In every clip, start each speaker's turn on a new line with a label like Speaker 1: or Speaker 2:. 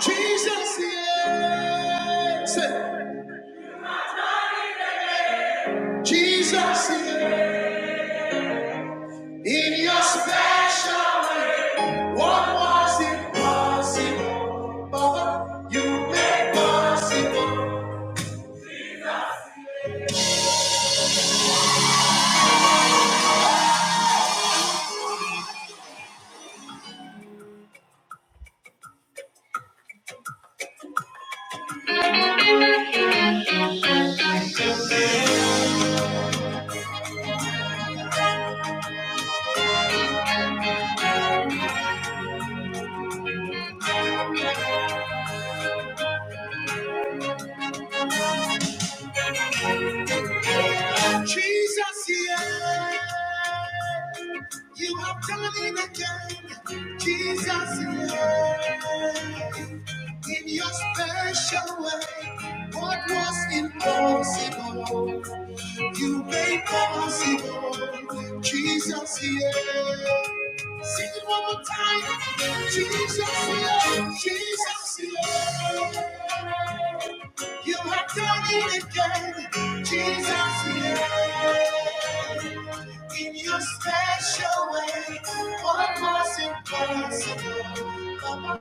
Speaker 1: Jesus is, Jesus is in your special way. What was impossible, Baba? You made possible. Jesus is. You have done it again, Jesus. Lord. In your special way, what was impossible, you made possible, Jesus. Yeah. Sing it one more time, Jesus. Yeah. Jesus. Yeah. You have done it again, Jesus. Yeah. In your special way, what was impossible? Come on.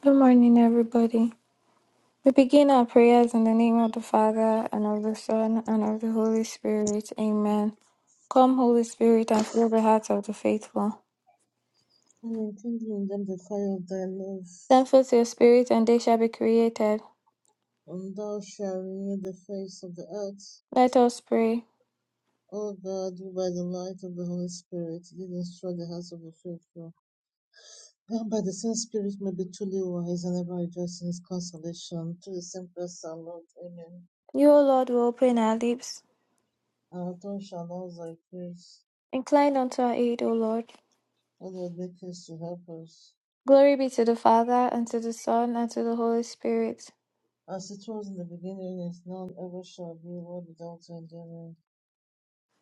Speaker 1: Good morning, everybody. We begin our prayers in the name of the Father, and of the Son, and of the Holy Spirit. Amen. Come, Holy Spirit, and fill the hearts of the faithful.
Speaker 2: and enkindling them the fire of thy love,
Speaker 1: Send forth your Spirit, and they shall be created.
Speaker 2: and thou shalt renew the face of the earth.
Speaker 1: Let us pray.
Speaker 2: O God, who by the light of the Holy Spirit did instruct the hearts of the faithful, that by the same Spirit may be truly wise and ever rejoice in his consolation, through the same Christ our Lord. Amen.
Speaker 1: You, O Lord, will open our lips.
Speaker 2: Our tongue shall announce thy praise,
Speaker 1: Incline unto our aid, O Lord.
Speaker 2: O Lord, make haste to help us.
Speaker 1: Glory be to the Father, and to the Son, and to the Holy Spirit
Speaker 2: As it was in the beginning, is now, and ever shall be, world without end. Amen.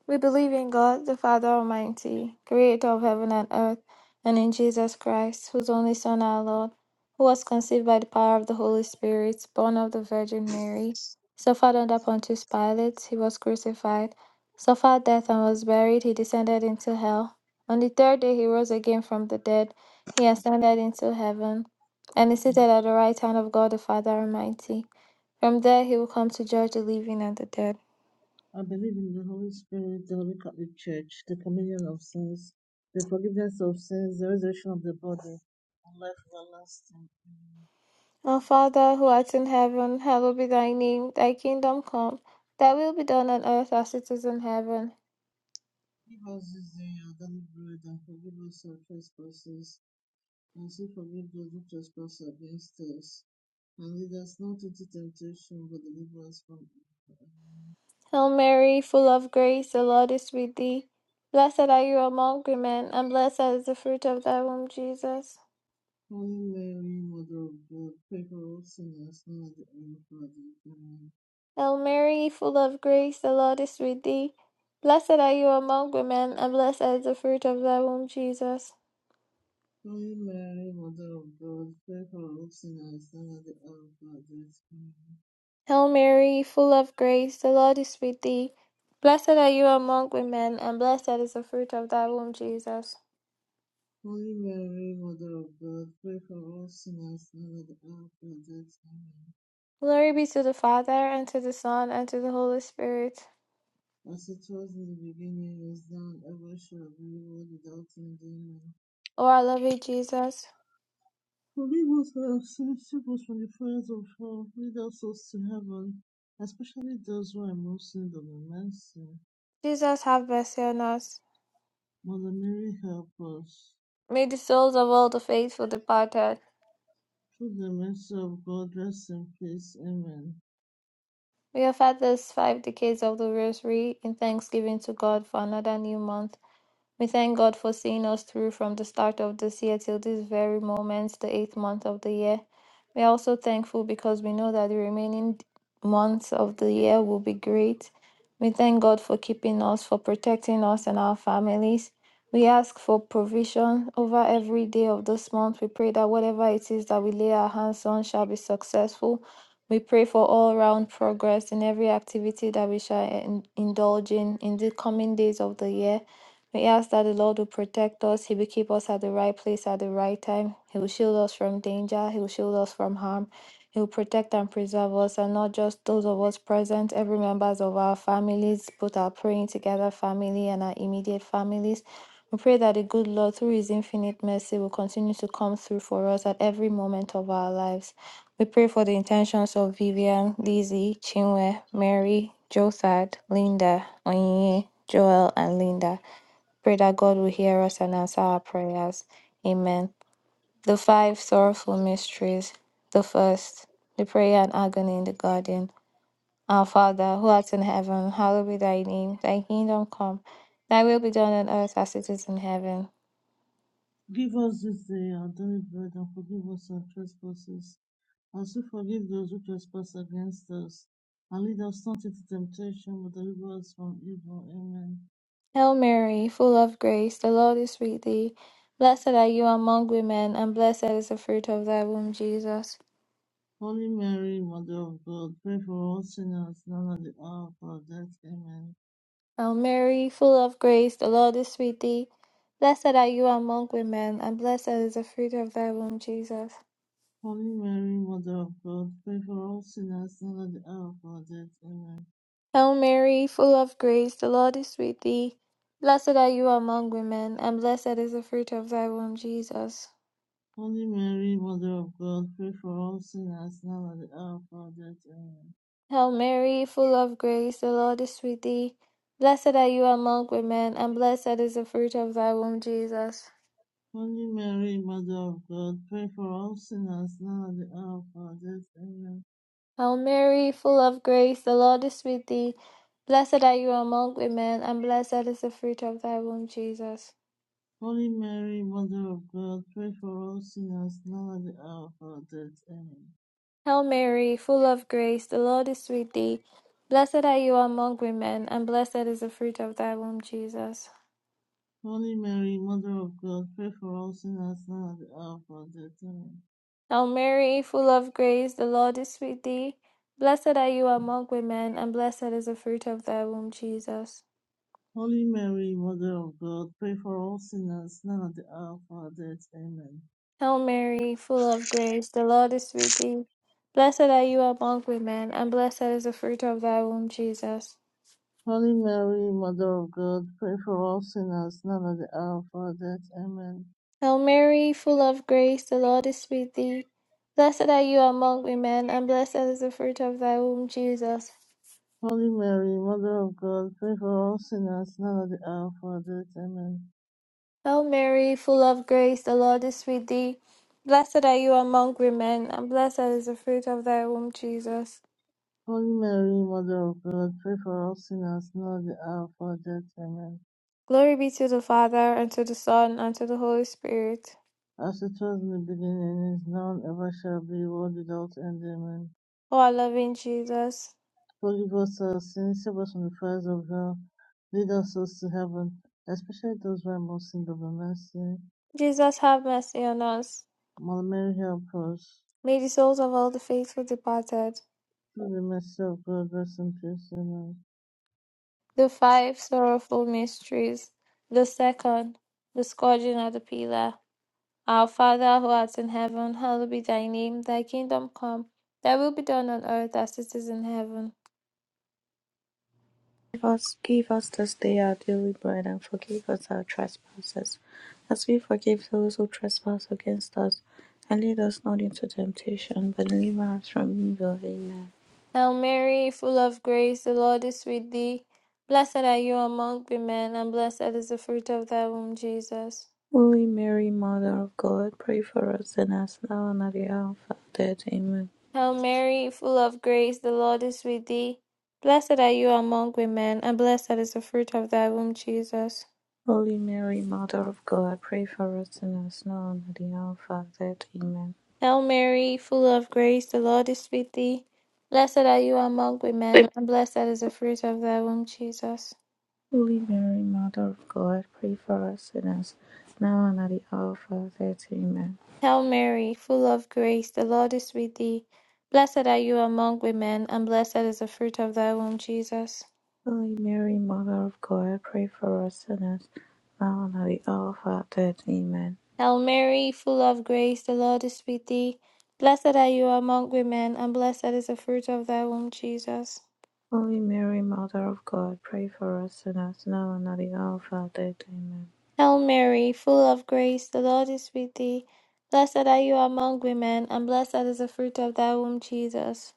Speaker 1: We believe in God, the Father Almighty, creator of heaven and earth, and in Jesus Christ, whose only Son, our Lord, who was conceived by the power of the Holy Spirit, born of the Virgin Mary, suffered under Pontius Pilate, he was crucified, suffered death and was buried, he descended into hell. On the third day he rose again from the dead, he ascended into heaven, and is seated at the right hand of God the Father Almighty. From there he will come to judge the living and the dead.
Speaker 2: I believe in the Holy Spirit, the Holy Catholic Church, the communion of saints, the forgiveness of sins, the resurrection of the body, and life everlasting. Amen.
Speaker 1: Our Father who art in heaven, hallowed be thy name. Thy kingdom come, thy will be done on earth as it is in heaven.
Speaker 2: Give us this day our daily bread, and forgive us our trespasses, and so forgive those who trespass against us. And lead us not into temptation, but deliver us from evil.
Speaker 1: Hail Mary, full of grace, the Lord is with thee. Blessed are you among women, and blessed is the fruit of thy womb, Jesus.
Speaker 2: Holy Mary, Mother of God, pray for all sinners, now and at the hour of our death. Amen.
Speaker 1: Hail Mary, full of grace, the Lord is with thee. Blessed are you among women, and blessed is the fruit of thy womb, Jesus.
Speaker 2: Holy Mary, Mother of God, pray for us sinners now and at the hour of our death. Amen.
Speaker 1: Hail Mary, full of grace, the Lord is with thee. Blessed are you among women, and blessed is the fruit of thy womb, Jesus.
Speaker 2: Holy Mary, Mother of God, pray for us sinners now and at the hour of our death. Amen.
Speaker 1: Glory be to the Father, and to the Son, and to the Holy Spirit.
Speaker 2: As it was in the beginning, is now, and ever shall be, world without end. Amen.
Speaker 1: O our loving Jesus,
Speaker 2: Forgive us our sins, save us from the fires of hell, lead our souls to heaven, especially those who are most in need of your mercy.
Speaker 1: Jesus, have mercy on us.
Speaker 2: Mother Mary, help us.
Speaker 1: May the souls of all the faithful departed,
Speaker 2: Through the mercy of God, rest in peace. Amen.
Speaker 1: we have had these five decades of the Rosary in thanksgiving to God for another new month. We thank God for seeing us through from the start of this year till this very moment, the eighth month of the year. We are also thankful because we know that the remaining d- months of the year will be great. We thank God for keeping us, for protecting us and our families. We ask for provision over every day of this month. We pray that whatever it is that we lay our hands on shall be successful. We pray for all round progress in every activity that we shall en- indulge in in the coming days of the year. We ask that the Lord will protect us. He will keep us at the right place at the right time. He will shield us from danger. He will shield us from harm. He will protect and preserve us, and not just those of us present, every members of our families, both our praying together family and our immediate families. We pray that the good Lord, through His infinite mercy, will continue to come through for us at every moment of our lives. We pray for the intentions of Vivian, Lizzie, Chinwe, Mary, Jothad, Linda, Onyinye, Joel, and Linda. Pray that God will hear us and answer our prayers. Amen. The five sorrowful mysteries. The first, the prayer and agony in the garden. Our Father, who art in heaven, hallowed be thy name. Thy kingdom come. Thy will be done on earth as it is in heaven.
Speaker 2: Give us this day our daily bread and forgive us our trespasses, as we forgive those who trespass against us. And lead us not into temptation, but deliver us from evil. Amen.
Speaker 1: Hail Mary, full of grace, the Lord is with thee. Blessed are you among women, and blessed is the fruit of thy womb, Jesus.
Speaker 2: Holy Mary, Mother of God, pray for all sinners now and at the hour of our death. Amen.
Speaker 1: O Mary, full of grace, the Lord is with thee. Blessed are you among women, and blessed is the fruit of thy womb, Jesus.
Speaker 2: Holy Mary, Mother of God, pray for all sinners now and at the hour of our death. Amen.
Speaker 1: Hail Mary, full of grace, the Lord is with thee. Blessed are you among women, and blessed is the fruit of thy womb, Jesus.
Speaker 2: Holy Mary, Mother of God, pray for all sinners now and at the hour of our death. Amen.
Speaker 1: Hail Mary, full of grace, the Lord is with thee. Blessed are you among women, and blessed is the fruit of thy womb, Jesus.
Speaker 2: Holy Mary, Mother of God, pray for all sinners now and at the hour of our death. Amen.
Speaker 1: Hail Mary, full of grace, the Lord is with thee. Blessed are you among women, and blessed is the fruit of thy womb, Jesus.
Speaker 2: Holy Mary, Mother of God, pray for all sinners now and at the hour of our death. Amen.
Speaker 1: Hail Mary, full of grace, the Lord is with thee. Blessed are you among women, and blessed is the fruit of thy womb, Jesus.
Speaker 2: Holy Mary, Mother of God, pray for all sinners now and at the hour of our death. Amen.
Speaker 1: Hail Mary, full of grace, the Lord is with thee. Blessed are you among women, and blessed is the fruit of thy womb, Jesus.
Speaker 2: Holy Mary, Mother of God, pray for all sinners now and at the hour of our death. Amen.
Speaker 1: Hail Mary, full of grace, the Lord is with thee. Blessed are you among women, and blessed is the fruit of thy womb, Jesus.
Speaker 2: Holy Mary, Mother of God, pray for all sinners now and at the hour of our death. Amen.
Speaker 1: Hail Mary, full of grace, the Lord is with thee. Blessed are you among women, and blessed is the fruit of thy womb, Jesus.
Speaker 2: Holy Mary, Mother of God, pray for all sinners now at the hour of our death. Amen.
Speaker 1: Hail Mary, full of grace, the Lord is with thee. Blessed are you among women, and blessed is the fruit of thy womb, Jesus.
Speaker 2: Holy Mary, Mother of God, pray for all sinners now at the hour of our death. Amen.
Speaker 1: Glory be to the Father, and to the Son, and to the Holy Spirit.
Speaker 2: As it was in the beginning, is now, and ever shall be, world without end. Amen.
Speaker 1: O our loving Jesus.
Speaker 2: Forgive us our sins, save us from the fires of hell, lead us souls to heaven, especially those who are most in need of the mercy.
Speaker 1: Jesus have mercy on us.
Speaker 2: Mother Mary, help us.
Speaker 1: May the souls of all the faithful departed.
Speaker 2: Through the mercy of God, rest in peace. Amen.
Speaker 1: The five sorrowful mysteries. The second, the scourging of the pillar. Our Father who art in heaven, hallowed be thy name. Thy kingdom come. Thy will be done on earth as it is in heaven.
Speaker 3: Give us this day our daily bread, and forgive us our trespasses, as we forgive those who trespass against us. And lead us not into temptation, but deliver us from evil. Amen.
Speaker 1: Hail Mary, full of grace, the Lord is with thee. Blessed are you among women, and blessed is the fruit of thy womb, Jesus.
Speaker 3: Holy Mary, Mother of God, pray for us sinners, now and at the hour of our death. Amen.
Speaker 1: Hail Mary, full of grace, the Lord is with thee. Blessed are you among women, and blessed is the fruit of thy womb, Jesus.
Speaker 3: Holy Mary, Mother of God, pray for us sinners, now and at the hour of our death. Amen.
Speaker 1: Hail Mary, full of grace, the Lord is with thee. Blessed are you among
Speaker 3: Amen.
Speaker 1: women, and blessed is the fruit of thy womb, Jesus.
Speaker 3: Holy Mary, Mother of God, pray for us sinners, now and at the hour of our death. Amen.
Speaker 1: Hail Mary, full of grace, the Lord is with thee. Blessed are you among women, and blessed is the fruit of thy womb, Jesus.
Speaker 3: Holy Mary, Mother of God, pray for us sinners, now and at the hour of our death. Amen.
Speaker 1: Hail Mary, full of grace, the Lord is with thee. Blessed are you among women, and blessed is the fruit of thy womb, Jesus.
Speaker 3: Holy Mary, Mother of God, pray for us sinners, now and at the hour of our death. Amen.
Speaker 1: Hail Mary, full of grace, the Lord is with thee. Blessed are you among women, and blessed is the fruit of thy womb, Jesus.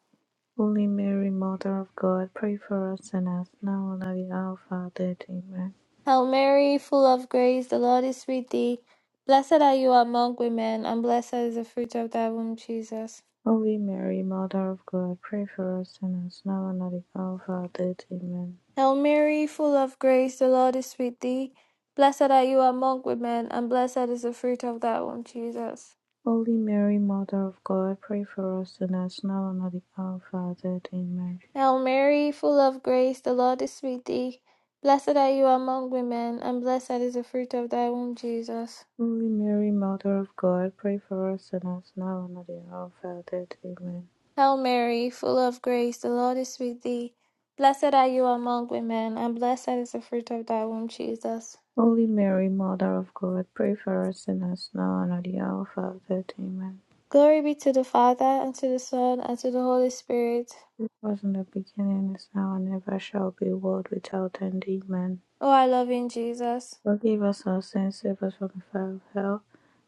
Speaker 3: Holy Mary, Mother of God, pray for us sinners, now and at the hour of our death. Amen.
Speaker 1: Hail Mary, full of grace, the Lord is with thee. Blessed are you among women, and blessed is the fruit of thy womb, Jesus.
Speaker 3: Holy Mary, Mother of God, pray for us sinners, now and at the hour of our death. Amen.
Speaker 1: Hail Mary, full of grace, the Lord is with thee. Blessed are you among women, and blessed is the fruit of thy womb, Jesus.
Speaker 3: Holy Mary, Mother of God, pray for us sinners, now and at the hour of our death. Amen.
Speaker 1: Hail Mary, full of grace, the Lord is with thee. Blessed are you among women, and blessed is the fruit of thy womb, Jesus.
Speaker 3: Holy Mary, Mother of God, pray for us sinners now and at the hour of our death. Amen.
Speaker 1: Hail Mary, full of grace, the Lord is with thee. Blessed are you among women, and blessed is the fruit of thy womb, Jesus.
Speaker 3: Holy Mary, Mother of God, pray for us sinners now and at the hour of our death. Amen.
Speaker 1: Glory be to the Father, and to the Son, and to the Holy Spirit.
Speaker 3: It was in the beginning, is now, and ever shall be, world without end. Amen.
Speaker 1: O our loving Jesus.
Speaker 3: Forgive us our sins, save us from the fire of hell.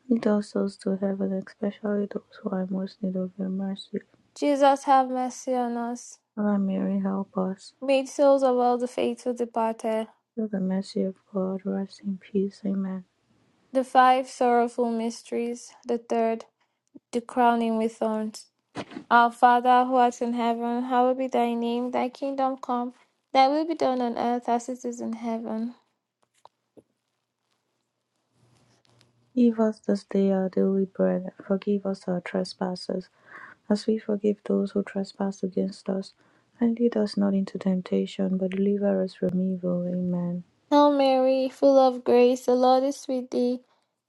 Speaker 3: Lead all souls to heaven, especially those who are most in need of your mercy.
Speaker 1: Jesus, have mercy on us.
Speaker 3: Holy Mary, help us.
Speaker 1: Made souls of all the faithful departed.
Speaker 3: Through the mercy of God, rest in peace. Amen.
Speaker 1: The five sorrowful mysteries, the third, the crowning with thorns. Our Father who art in heaven, hallowed be thy name. Thy kingdom come, thy will be done on earth as it is in heaven.
Speaker 3: Give us this day our daily bread, and forgive us our trespasses, as we forgive those who trespass against us. And lead us not into temptation, but deliver us from evil. Amen.
Speaker 1: Hail Mary, full of grace, the Lord is with thee.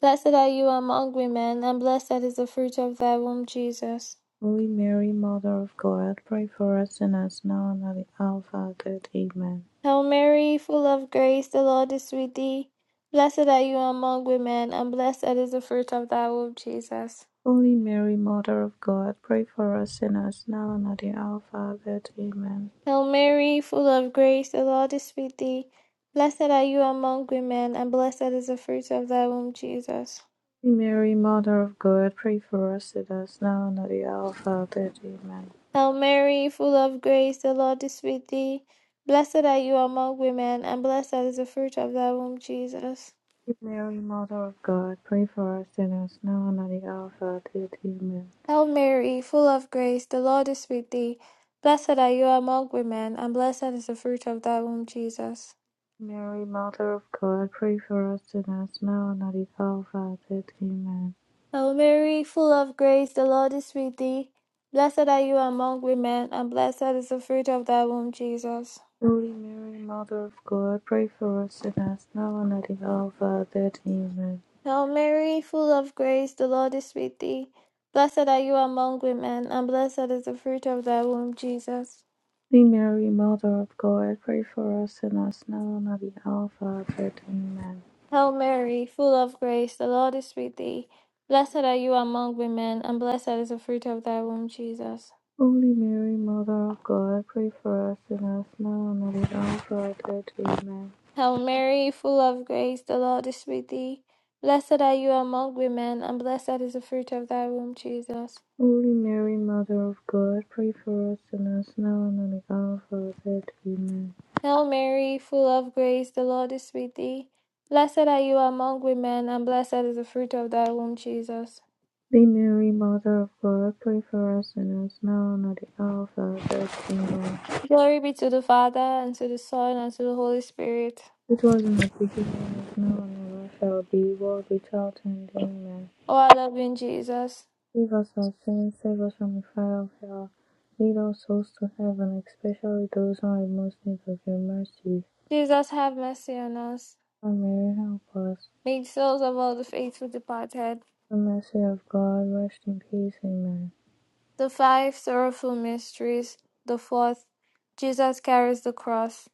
Speaker 1: Blessed are you among women, and blessed is the fruit of thy womb, Jesus.
Speaker 3: Holy Mary, Mother of God, pray for us sinners now and at the hour of our death. Amen.
Speaker 1: Hail Mary, full of grace, the Lord is with thee. Blessed are you among women, and blessed is the fruit of thy womb, Jesus.
Speaker 3: Holy Mary, Mother of God, pray for us sinners now and at the hour of our death. Amen.
Speaker 1: Hail Mary, full of grace, the Lord is with thee. Blessed are you among women, and blessed is the fruit of thy womb, Jesus.
Speaker 3: Holy Mary, Mother of God, pray for us sinners now and at the hour of our death. Amen.
Speaker 1: Hail Mary, full of grace, the Lord is with thee. Blessed are you among women, and blessed is the fruit of thy womb, Jesus.
Speaker 3: Mary, Mother of God, pray for us sinners now and at the hour of our death. Amen.
Speaker 1: Hail Mary, full of grace, the Lord is with thee. Blessed are you among women, and blessed is the fruit of thy womb, Jesus.
Speaker 3: Mary, Mother of God, pray for us sinners now and at the hour of our death. Amen.
Speaker 1: Hail Mary, full of grace, the Lord is with thee. Blessed are you among women, and blessed is the fruit of thy womb, Jesus.
Speaker 3: Holy Mary, Mother of God, pray for us sinners now and at the hour of our death. Amen.
Speaker 1: Hail Mary, full of grace, the Lord is with thee. Blessed are you among women, and blessed is the fruit of thy womb, Jesus.
Speaker 3: Holy Mary, Mother of God, pray for us sinners now and at the hour of our death. Amen.
Speaker 1: Hail Mary, full of grace, the Lord is with thee. Blessed are you among women, and blessed is the fruit of thy womb, Jesus.
Speaker 3: Holy Mary, Mother of God, pray for us sinners now and at the hour of our death. Amen.
Speaker 1: Hail Mary, full of grace, the Lord is with thee. Blessed are you among women, and blessed is the fruit of thy womb, Jesus.
Speaker 3: Holy Mary, Mother of God, pray for us sinners now and at the hour of our death. Amen.
Speaker 1: Hail Mary, full of grace, the Lord is with thee. Blessed are you among women, and blessed is the fruit of thy womb, Jesus.
Speaker 3: Holy Mary, Mother of God, pray for us sinners now and at the hour of our death. Amen.
Speaker 1: Glory be to the Father, and to the Son, and to the Holy Spirit.
Speaker 3: It was in the beginning, is now, and ever shall be, world without end. Amen.
Speaker 1: O our loving Jesus,
Speaker 3: Save us our sins, save us from the fire of hell. Lead all souls to heaven, especially those who are in most need of your mercy.
Speaker 1: Jesus, have mercy on us.
Speaker 3: Our Mary, help us.
Speaker 1: Make the souls of all the faithful departed.
Speaker 3: The mercy of God, rest in peace. Amen.
Speaker 1: The five sorrowful mysteries. The fourth, Jesus carries the cross.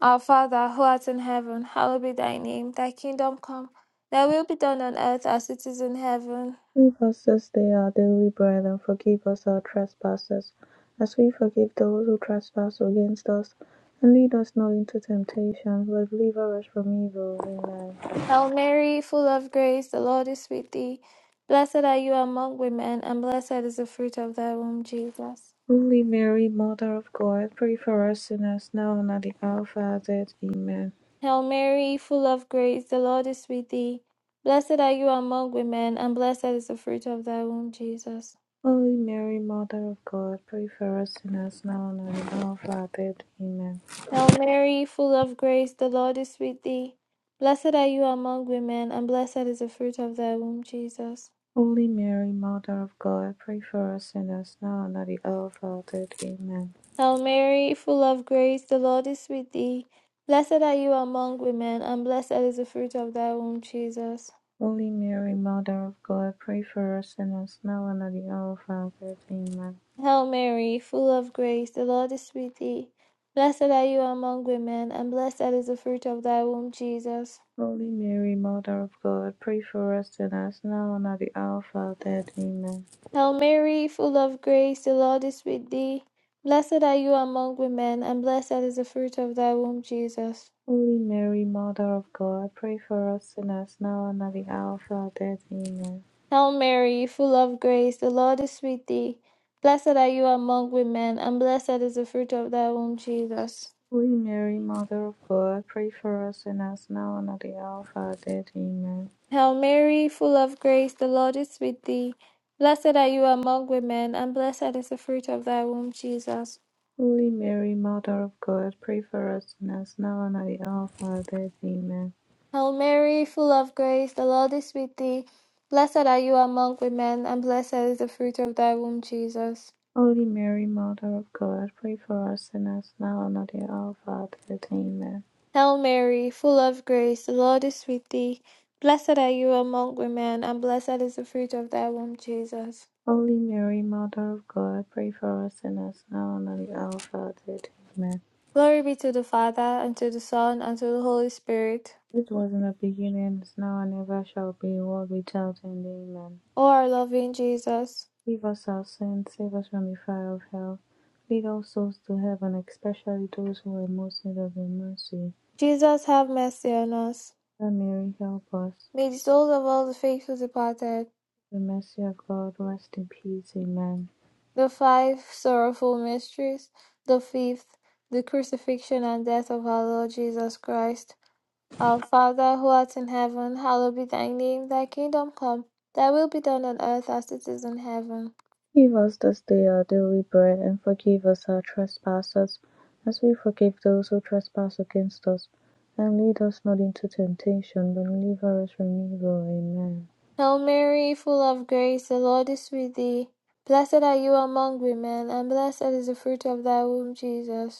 Speaker 1: Our Father, who art in heaven, hallowed be thy name. Thy kingdom come, thy will be done on earth as it is in heaven.
Speaker 3: Give us this day our daily bread, and forgive us our trespasses, as we forgive those who trespass against us. And lead us not into temptation, but deliver us from evil. Amen.
Speaker 1: Hail Mary, full of grace, the Lord is with thee. Blessed are you among women, and blessed is the fruit of thy womb, Jesus.
Speaker 3: Holy Mary, Mother of God, pray for us sinners now and at the hour of our death. Amen.
Speaker 1: Hail Mary, full of grace, the Lord is with thee. Blessed are you among women, and blessed is the fruit of thy womb, Jesus.
Speaker 3: Holy Mary, Mother of God, pray for us sinners now and at the hour of our death. Amen.
Speaker 1: Hail Mary, full of grace, the Lord is with thee. Blessed are you among women, and blessed is the fruit of thy womb, Jesus.
Speaker 3: Holy Mary, Mother of God, pray for us sinners now and at the hour of our death. Amen.
Speaker 1: Hail Mary, full of grace, the Lord is with thee. Blessed are you among women, and blessed is the fruit of thy womb, Jesus.
Speaker 3: Holy Mary, Mother of God, pray for us sinners, now and at the hour of our death. Amen.
Speaker 1: Hail Mary, full of grace, the Lord is with thee. Blessed are you among women, and blessed is the fruit of thy womb, Jesus.
Speaker 3: Holy Mary, Mother of God, pray for us sinners, now and at the hour of our death. Amen.
Speaker 1: Hail Mary, full of grace, the Lord is with thee. Blessed are you among women, and blessed is the fruit of thy womb, Jesus.
Speaker 3: Holy Mary, Mother of God, pray for us sinners, now and at the hour of our death. Amen.
Speaker 1: Hail Mary, full of grace, the Lord is with thee. Blessed are you among women, and blessed is the fruit of thy womb, Jesus.
Speaker 3: Holy Mary, Mother of God, pray for us sinners, now and at the hour of our death. Amen.
Speaker 1: Hail Mary, full of grace, the Lord is with thee. Blessed are you among women, and blessed is the fruit of thy womb, Jesus.
Speaker 3: Holy Mary, Mother of God, pray for us sinners, now and at the hour of our death. Amen.
Speaker 1: Hail Mary, full of grace, the Lord is with thee. Blessed are you among women, and blessed is the fruit of thy womb, Jesus.
Speaker 3: Holy Mary, Mother of God, pray for us sinners now and at the hour of our death. Amen.
Speaker 1: Hail Mary, full of grace, the Lord is with thee. Blessed are you among women, and blessed is the fruit of thy womb, Jesus.
Speaker 3: Holy Mary, Mother of God, pray for us sinners now and at the hour of our death. Amen.
Speaker 1: Glory be to the Father, and to the Son, and to the Holy Spirit.
Speaker 3: It was in the beginning, is now, and ever shall be, world without end. Amen.
Speaker 1: O our loving Jesus.
Speaker 3: Give us our sins, save us from the fire of hell. Lead all souls to heaven, especially those who are most in need of your mercy.
Speaker 1: Jesus have mercy on us.
Speaker 3: Mother Mary, help us.
Speaker 1: May the souls of all the faithful departed,
Speaker 3: The mercy of God, rest in peace. Amen.
Speaker 1: the five sorrowful mysteries, the fifth, the crucifixion and death of our Lord Jesus Christ. Our Father who art in heaven, hallowed be thy name, thy kingdom come, thy will be done on earth as it is in heaven.
Speaker 3: Forgive us this day our daily bread, and forgive us our trespasses, as we forgive those who trespass against us. And lead us not into temptation, but deliver us from evil. Amen.
Speaker 1: Hail Mary, full of grace, the Lord is with thee. Blessed are you among women, and blessed is the fruit of thy womb, Jesus.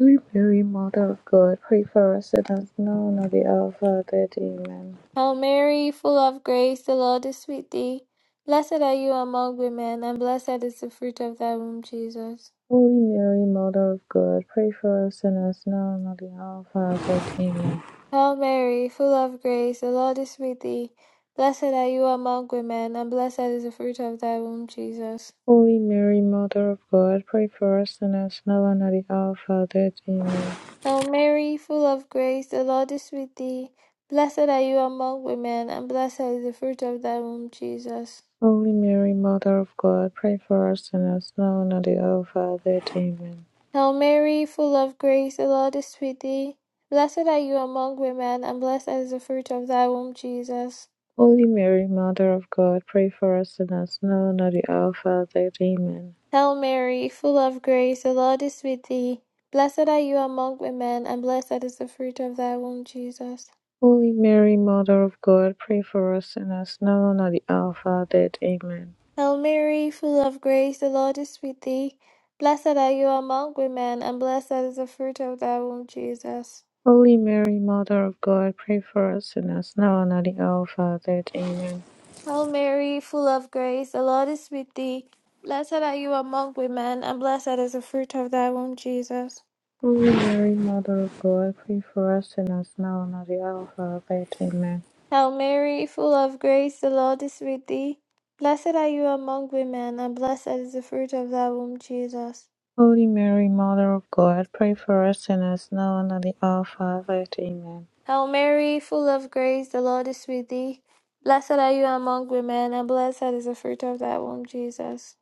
Speaker 3: Holy Mary, Mother of God, pray for us sinners now and at the hour of our death. Amen.
Speaker 1: Hail Mary, full of grace, the Lord is with thee. Blessed are you among women, and blessed is the fruit of thy womb, Jesus.
Speaker 3: Holy Mary, Mother of God, pray for us sinners now and at the hour of our death. Amen.
Speaker 1: Hail Mary, full of grace, the Lord is with thee. Blessed are you among women, and blessed is the fruit of thy womb, Jesus.
Speaker 3: Holy Mary, Mother of God, pray for us sinners now and at the hour of our death. Amen.
Speaker 1: Hail Mary, full of grace, the Lord is with thee. Blessed are you among women, and blessed is the fruit of thy womb, Jesus.
Speaker 3: Holy Mary, Mother of God, pray for us sinners now and at the hour of our death. Amen.
Speaker 1: Hail Mary, full of grace, the Lord is with thee. Blessed are you among women, and blessed is the fruit of thy womb, Jesus.
Speaker 3: Holy Mary, Mother of God, pray for us sinners now and at the hour of our death. Amen.
Speaker 1: Hail Mary, full of grace, the Lord is with thee. Blessed are you among women, and blessed is the fruit of thy womb, Jesus.
Speaker 3: Holy Mary, Mother of God, pray for us sinners now and at the hour of our death. Amen.
Speaker 1: Hail Mary, full of grace, the Lord is with thee. Blessed are you among women, and blessed is the fruit of thy womb, Jesus.
Speaker 3: Holy Mary, Mother of God, pray for us sinners now and at the hour of our death. Amen.
Speaker 1: Hail Mary, full of grace, the Lord is with thee. Blessed are you among women, and blessed is the fruit of thy womb, Jesus.
Speaker 3: Holy Mary, Mother of God, pray for us sinners now and at the hour of our death. Amen.
Speaker 1: Hail Mary, full of grace, the Lord is with thee. Blessed are you among women, and blessed is the fruit of thy womb, Jesus.
Speaker 3: Holy Mary, Mother of God, pray for us sinners now and at the hour of our death. Amen.
Speaker 1: Hail Mary, full of grace, the Lord is with thee. Blessed are you among women, and blessed is the fruit of thy womb, Jesus.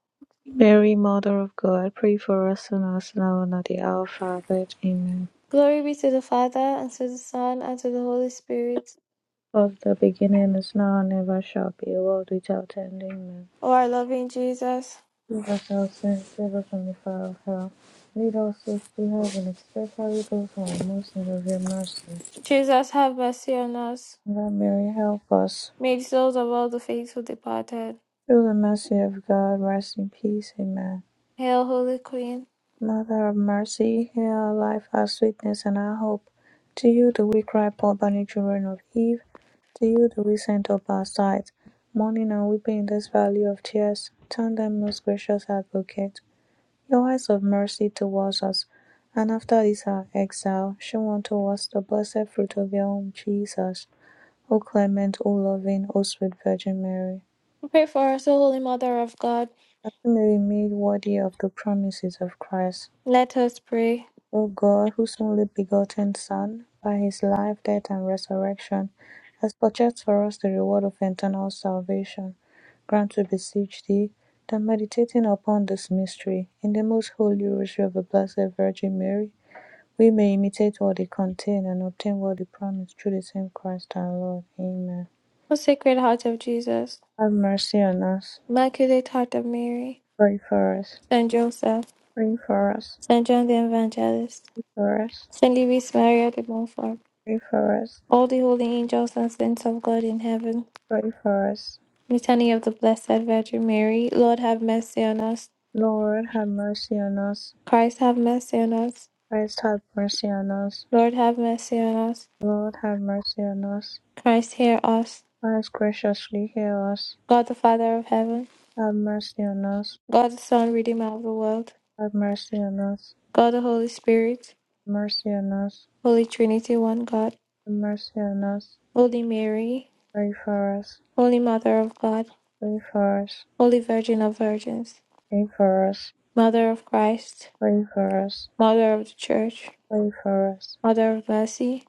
Speaker 3: Mary, Mother of God, pray for us sinners now and at the hour of our death. Amen.
Speaker 1: Glory be to the Father, and to the Son, and to the Holy Spirit.
Speaker 3: Of the beginning is now and ever shall be, world without end. Amen.
Speaker 1: O our loving Jesus,
Speaker 3: Give us our sins, save us from the fire of hell. Lead all souls to heaven, especially those who are most in need of your mercy.
Speaker 1: Jesus, have mercy on us.
Speaker 3: Mother Mary, help us.
Speaker 1: May the souls of all the faithful departed.
Speaker 3: Through the mercy of God, rest in peace. Amen.
Speaker 1: Hail, Holy Queen.
Speaker 3: Mother of mercy, hear our life, our sweetness, and our hope. To you do we cry, poor banished children of Eve. To you do we send up our sighs, mourning and weeping in this valley of tears. Turn then, most gracious advocate, your eyes of mercy towards us, and after this our exile, show unto us the blessed fruit of your womb, Jesus. O clement, O loving, O sweet Virgin Mary,
Speaker 1: Pray for us, O Holy Mother of God.
Speaker 3: that we may be made worthy of the promises of Christ.
Speaker 1: Let us pray.
Speaker 3: O God, whose only begotten Son, by his life, death, and resurrection, has purchased for us the reward of eternal salvation, grant, we beseech thee, that meditating upon this mystery in the most holy rosary of the Blessed Virgin Mary, we may imitate what it contains and obtain what it promised through the same Christ our Lord. Amen.
Speaker 1: O Sacred Heart of Jesus,
Speaker 3: Have mercy on us.
Speaker 1: Immaculate Heart of Mary,
Speaker 3: Pray for us.
Speaker 1: Saint Joseph,
Speaker 3: Pray for us.
Speaker 1: Saint John the Evangelist,
Speaker 3: Pray for us.
Speaker 1: Saint Louis Maria de Montfort,
Speaker 3: Pray for us.
Speaker 1: all the holy angels and saints of God in heaven,
Speaker 3: Pray for us.
Speaker 1: Litany of the Blessed Virgin Mary, Lord have mercy on us,
Speaker 3: Lord, have mercy on us.
Speaker 1: Christ have mercy on us,
Speaker 3: Christ have mercy on us.
Speaker 1: Lord have mercy on us,
Speaker 3: Lord have mercy on us.
Speaker 1: Christ hear us,
Speaker 3: Christ graciously hear us.
Speaker 1: God the Father of heaven,
Speaker 3: Have mercy on us.
Speaker 1: God the Son, Redeemer of the world,
Speaker 3: Have mercy on us.
Speaker 1: God the Holy Spirit,
Speaker 3: Mercy on us.
Speaker 1: Holy Trinity, one God,
Speaker 3: Have mercy on us.
Speaker 1: Holy Mary,
Speaker 3: Pray for us.
Speaker 1: Holy Mother of God,
Speaker 3: Pray for us.
Speaker 1: Holy Virgin of Virgins,
Speaker 3: Pray for us.
Speaker 1: Mother of Christ,
Speaker 3: Pray for us.
Speaker 1: Mother of the Church,
Speaker 3: Pray for us.
Speaker 1: Mother of Mercy,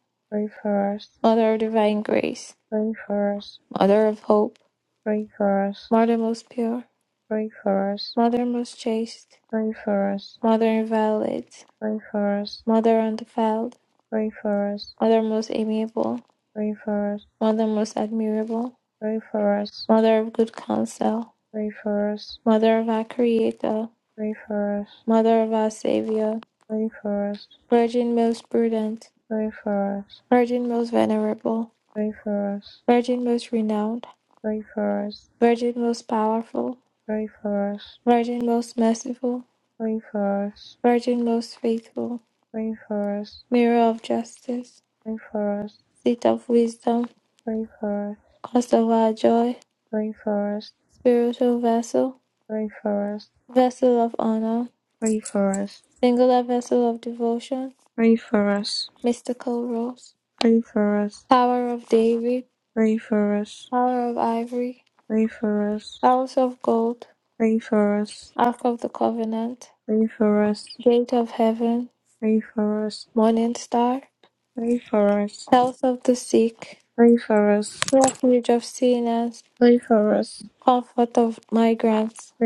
Speaker 1: Mother of Divine Grace,
Speaker 3: Pray for us.
Speaker 1: Mother of Hope,
Speaker 3: Pray for us.
Speaker 1: Mother most pure,
Speaker 3: Pray for us.
Speaker 1: Mother most chaste,
Speaker 3: Pray for us.
Speaker 1: Mother inviolate,
Speaker 3: Pray for us.
Speaker 1: Mother undefiled,
Speaker 3: Pray for us.
Speaker 1: Mother most amiable,
Speaker 3: Pray for us.
Speaker 1: Mother most admirable,
Speaker 3: Pray for us.
Speaker 1: Mother of good counsel,
Speaker 3: Pray for us. Pray for us.
Speaker 1: Mother of our Creator,
Speaker 3: Pray for us.
Speaker 1: Mother of our Saviour,
Speaker 3: Pray for us,
Speaker 1: Virgin most prudent,
Speaker 3: pray for us,
Speaker 1: Virgin most venerable,
Speaker 3: pray for us,
Speaker 1: Virgin most renowned,
Speaker 3: pray for us,
Speaker 1: Virgin most powerful,
Speaker 3: pray for us,
Speaker 1: Virgin most merciful,
Speaker 3: pray for us,
Speaker 1: Virgin most faithful,
Speaker 3: pray for us,
Speaker 1: mirror of justice,
Speaker 3: pray for us,
Speaker 1: seat of wisdom,
Speaker 3: pray for us,
Speaker 1: cause of our joy,
Speaker 3: pray for us,
Speaker 1: spiritual vessel,
Speaker 3: pray for us,
Speaker 1: vessel of honor,
Speaker 3: pray for us,
Speaker 1: singular vessel of devotion,
Speaker 3: pray for us,
Speaker 1: mystical rose,
Speaker 3: pray for us, pray for us,
Speaker 1: tower of David,
Speaker 3: pray for us,
Speaker 1: tower of ivory,
Speaker 3: pray for us,
Speaker 1: house of gold,
Speaker 3: pray for us,
Speaker 1: ark of the covenant,
Speaker 3: pray for us,
Speaker 1: gate of heaven,
Speaker 3: pray for us,
Speaker 1: morning star,
Speaker 3: pray for us,
Speaker 1: health of the sick,
Speaker 3: pray for us,
Speaker 1: refuge of sinners,
Speaker 3: pray for us,
Speaker 1: comfort of migrants,
Speaker 3: pray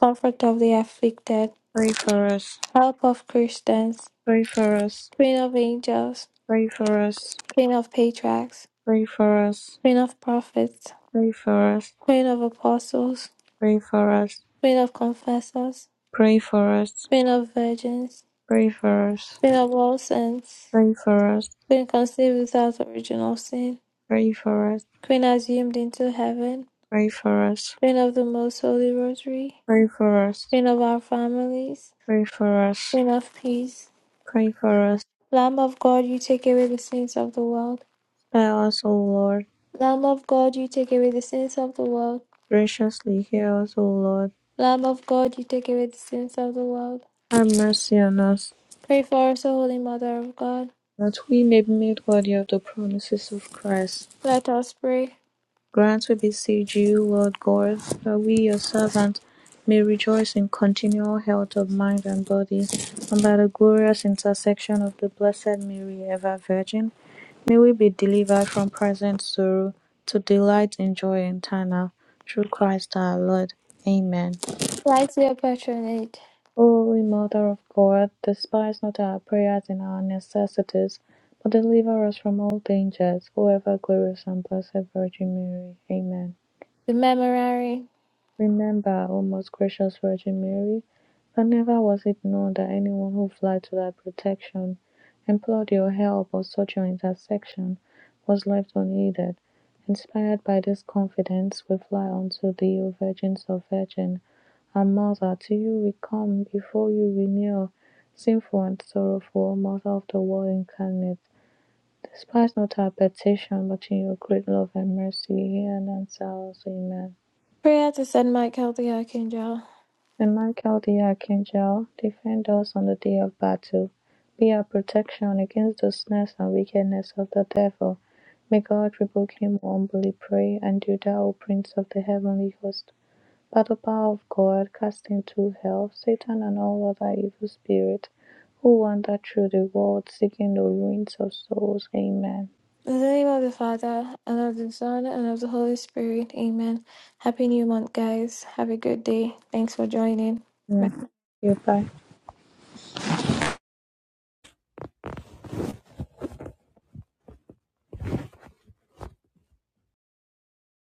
Speaker 1: comfort of the afflicted
Speaker 3: for us,
Speaker 1: Help of Christians,
Speaker 3: pray for us.
Speaker 1: Queen of Angels,
Speaker 3: Pray for us,
Speaker 1: Queen of Patriarchs,
Speaker 3: pray for us,
Speaker 1: Queen of Prophets,
Speaker 3: pray for us,
Speaker 1: Queen of Apostles,
Speaker 3: pray for us,
Speaker 1: Queen of Confessors,
Speaker 3: pray for us,
Speaker 1: Queen of Virgins,
Speaker 3: pray for us,
Speaker 1: Queen of all saints,
Speaker 3: pray for us,
Speaker 1: Queen conceived without original sin,
Speaker 3: pray for us,
Speaker 1: Queen assumed into heaven,
Speaker 3: pray for us,
Speaker 1: Queen of the Most Holy Rosary,
Speaker 3: pray for us,
Speaker 1: Queen of our families,
Speaker 3: pray for us,
Speaker 1: Queen of Peace,
Speaker 3: pray for us.
Speaker 1: Lamb of God, you take away the sins of the world.
Speaker 3: Spare us, O Lord,
Speaker 1: Lamb of God, you take away the sins of the world.
Speaker 3: graciously hear us, O Lord.
Speaker 1: Lamb of God, you take away the sins of the world.
Speaker 3: Have mercy on us,
Speaker 1: Pray for us, O Holy Mother of God.
Speaker 3: that we may be made worthy of the promises of Christ.
Speaker 1: Let us pray.
Speaker 3: Grant, we beseech you, Lord God, that we, your servants, may rejoice in continual health of mind and body, and by the glorious intercession of the Blessed Mary, ever Virgin, may we be delivered from present sorrow to delight in joy eternal, through Christ our Lord. Amen.
Speaker 1: Light your patronage,
Speaker 3: O Holy Mother of God, despise not our prayers in our necessities, but deliver us from all dangers, O ever glorious and blessed Virgin Mary. Amen.
Speaker 1: the memorary.
Speaker 3: Remember, O most gracious Virgin Mary, that never was it known that anyone who fled to thy protection, implored your help, or sought your intercession, was left unaided. Inspired by this confidence, we fly unto thee, O Virgin so Virgin, our Mother. To you we come, before you we kneel, sinful and sorrowful, O Mother of the Word incarnate. Despise not our petition, but in your great love and mercy, hear and answer us. Amen.
Speaker 1: Prayer to Saint Michael the Archangel.
Speaker 3: Saint Michael the Archangel, defend us on the day of battle. Be our protection against the snares and wickedness of the devil. May God rebuke him who humbly pray, and do thou, O Prince of the heavenly host, by the power of God, cast into hell Satan and all other evil spirits who wander through the world seeking the ruins of souls. Amen.
Speaker 1: In the name of the Father, and of the Son, and of the Holy Spirit. Amen. Happy New Month, guys. Have a good day. Thanks for joining.
Speaker 3: Yeah. Goodbye.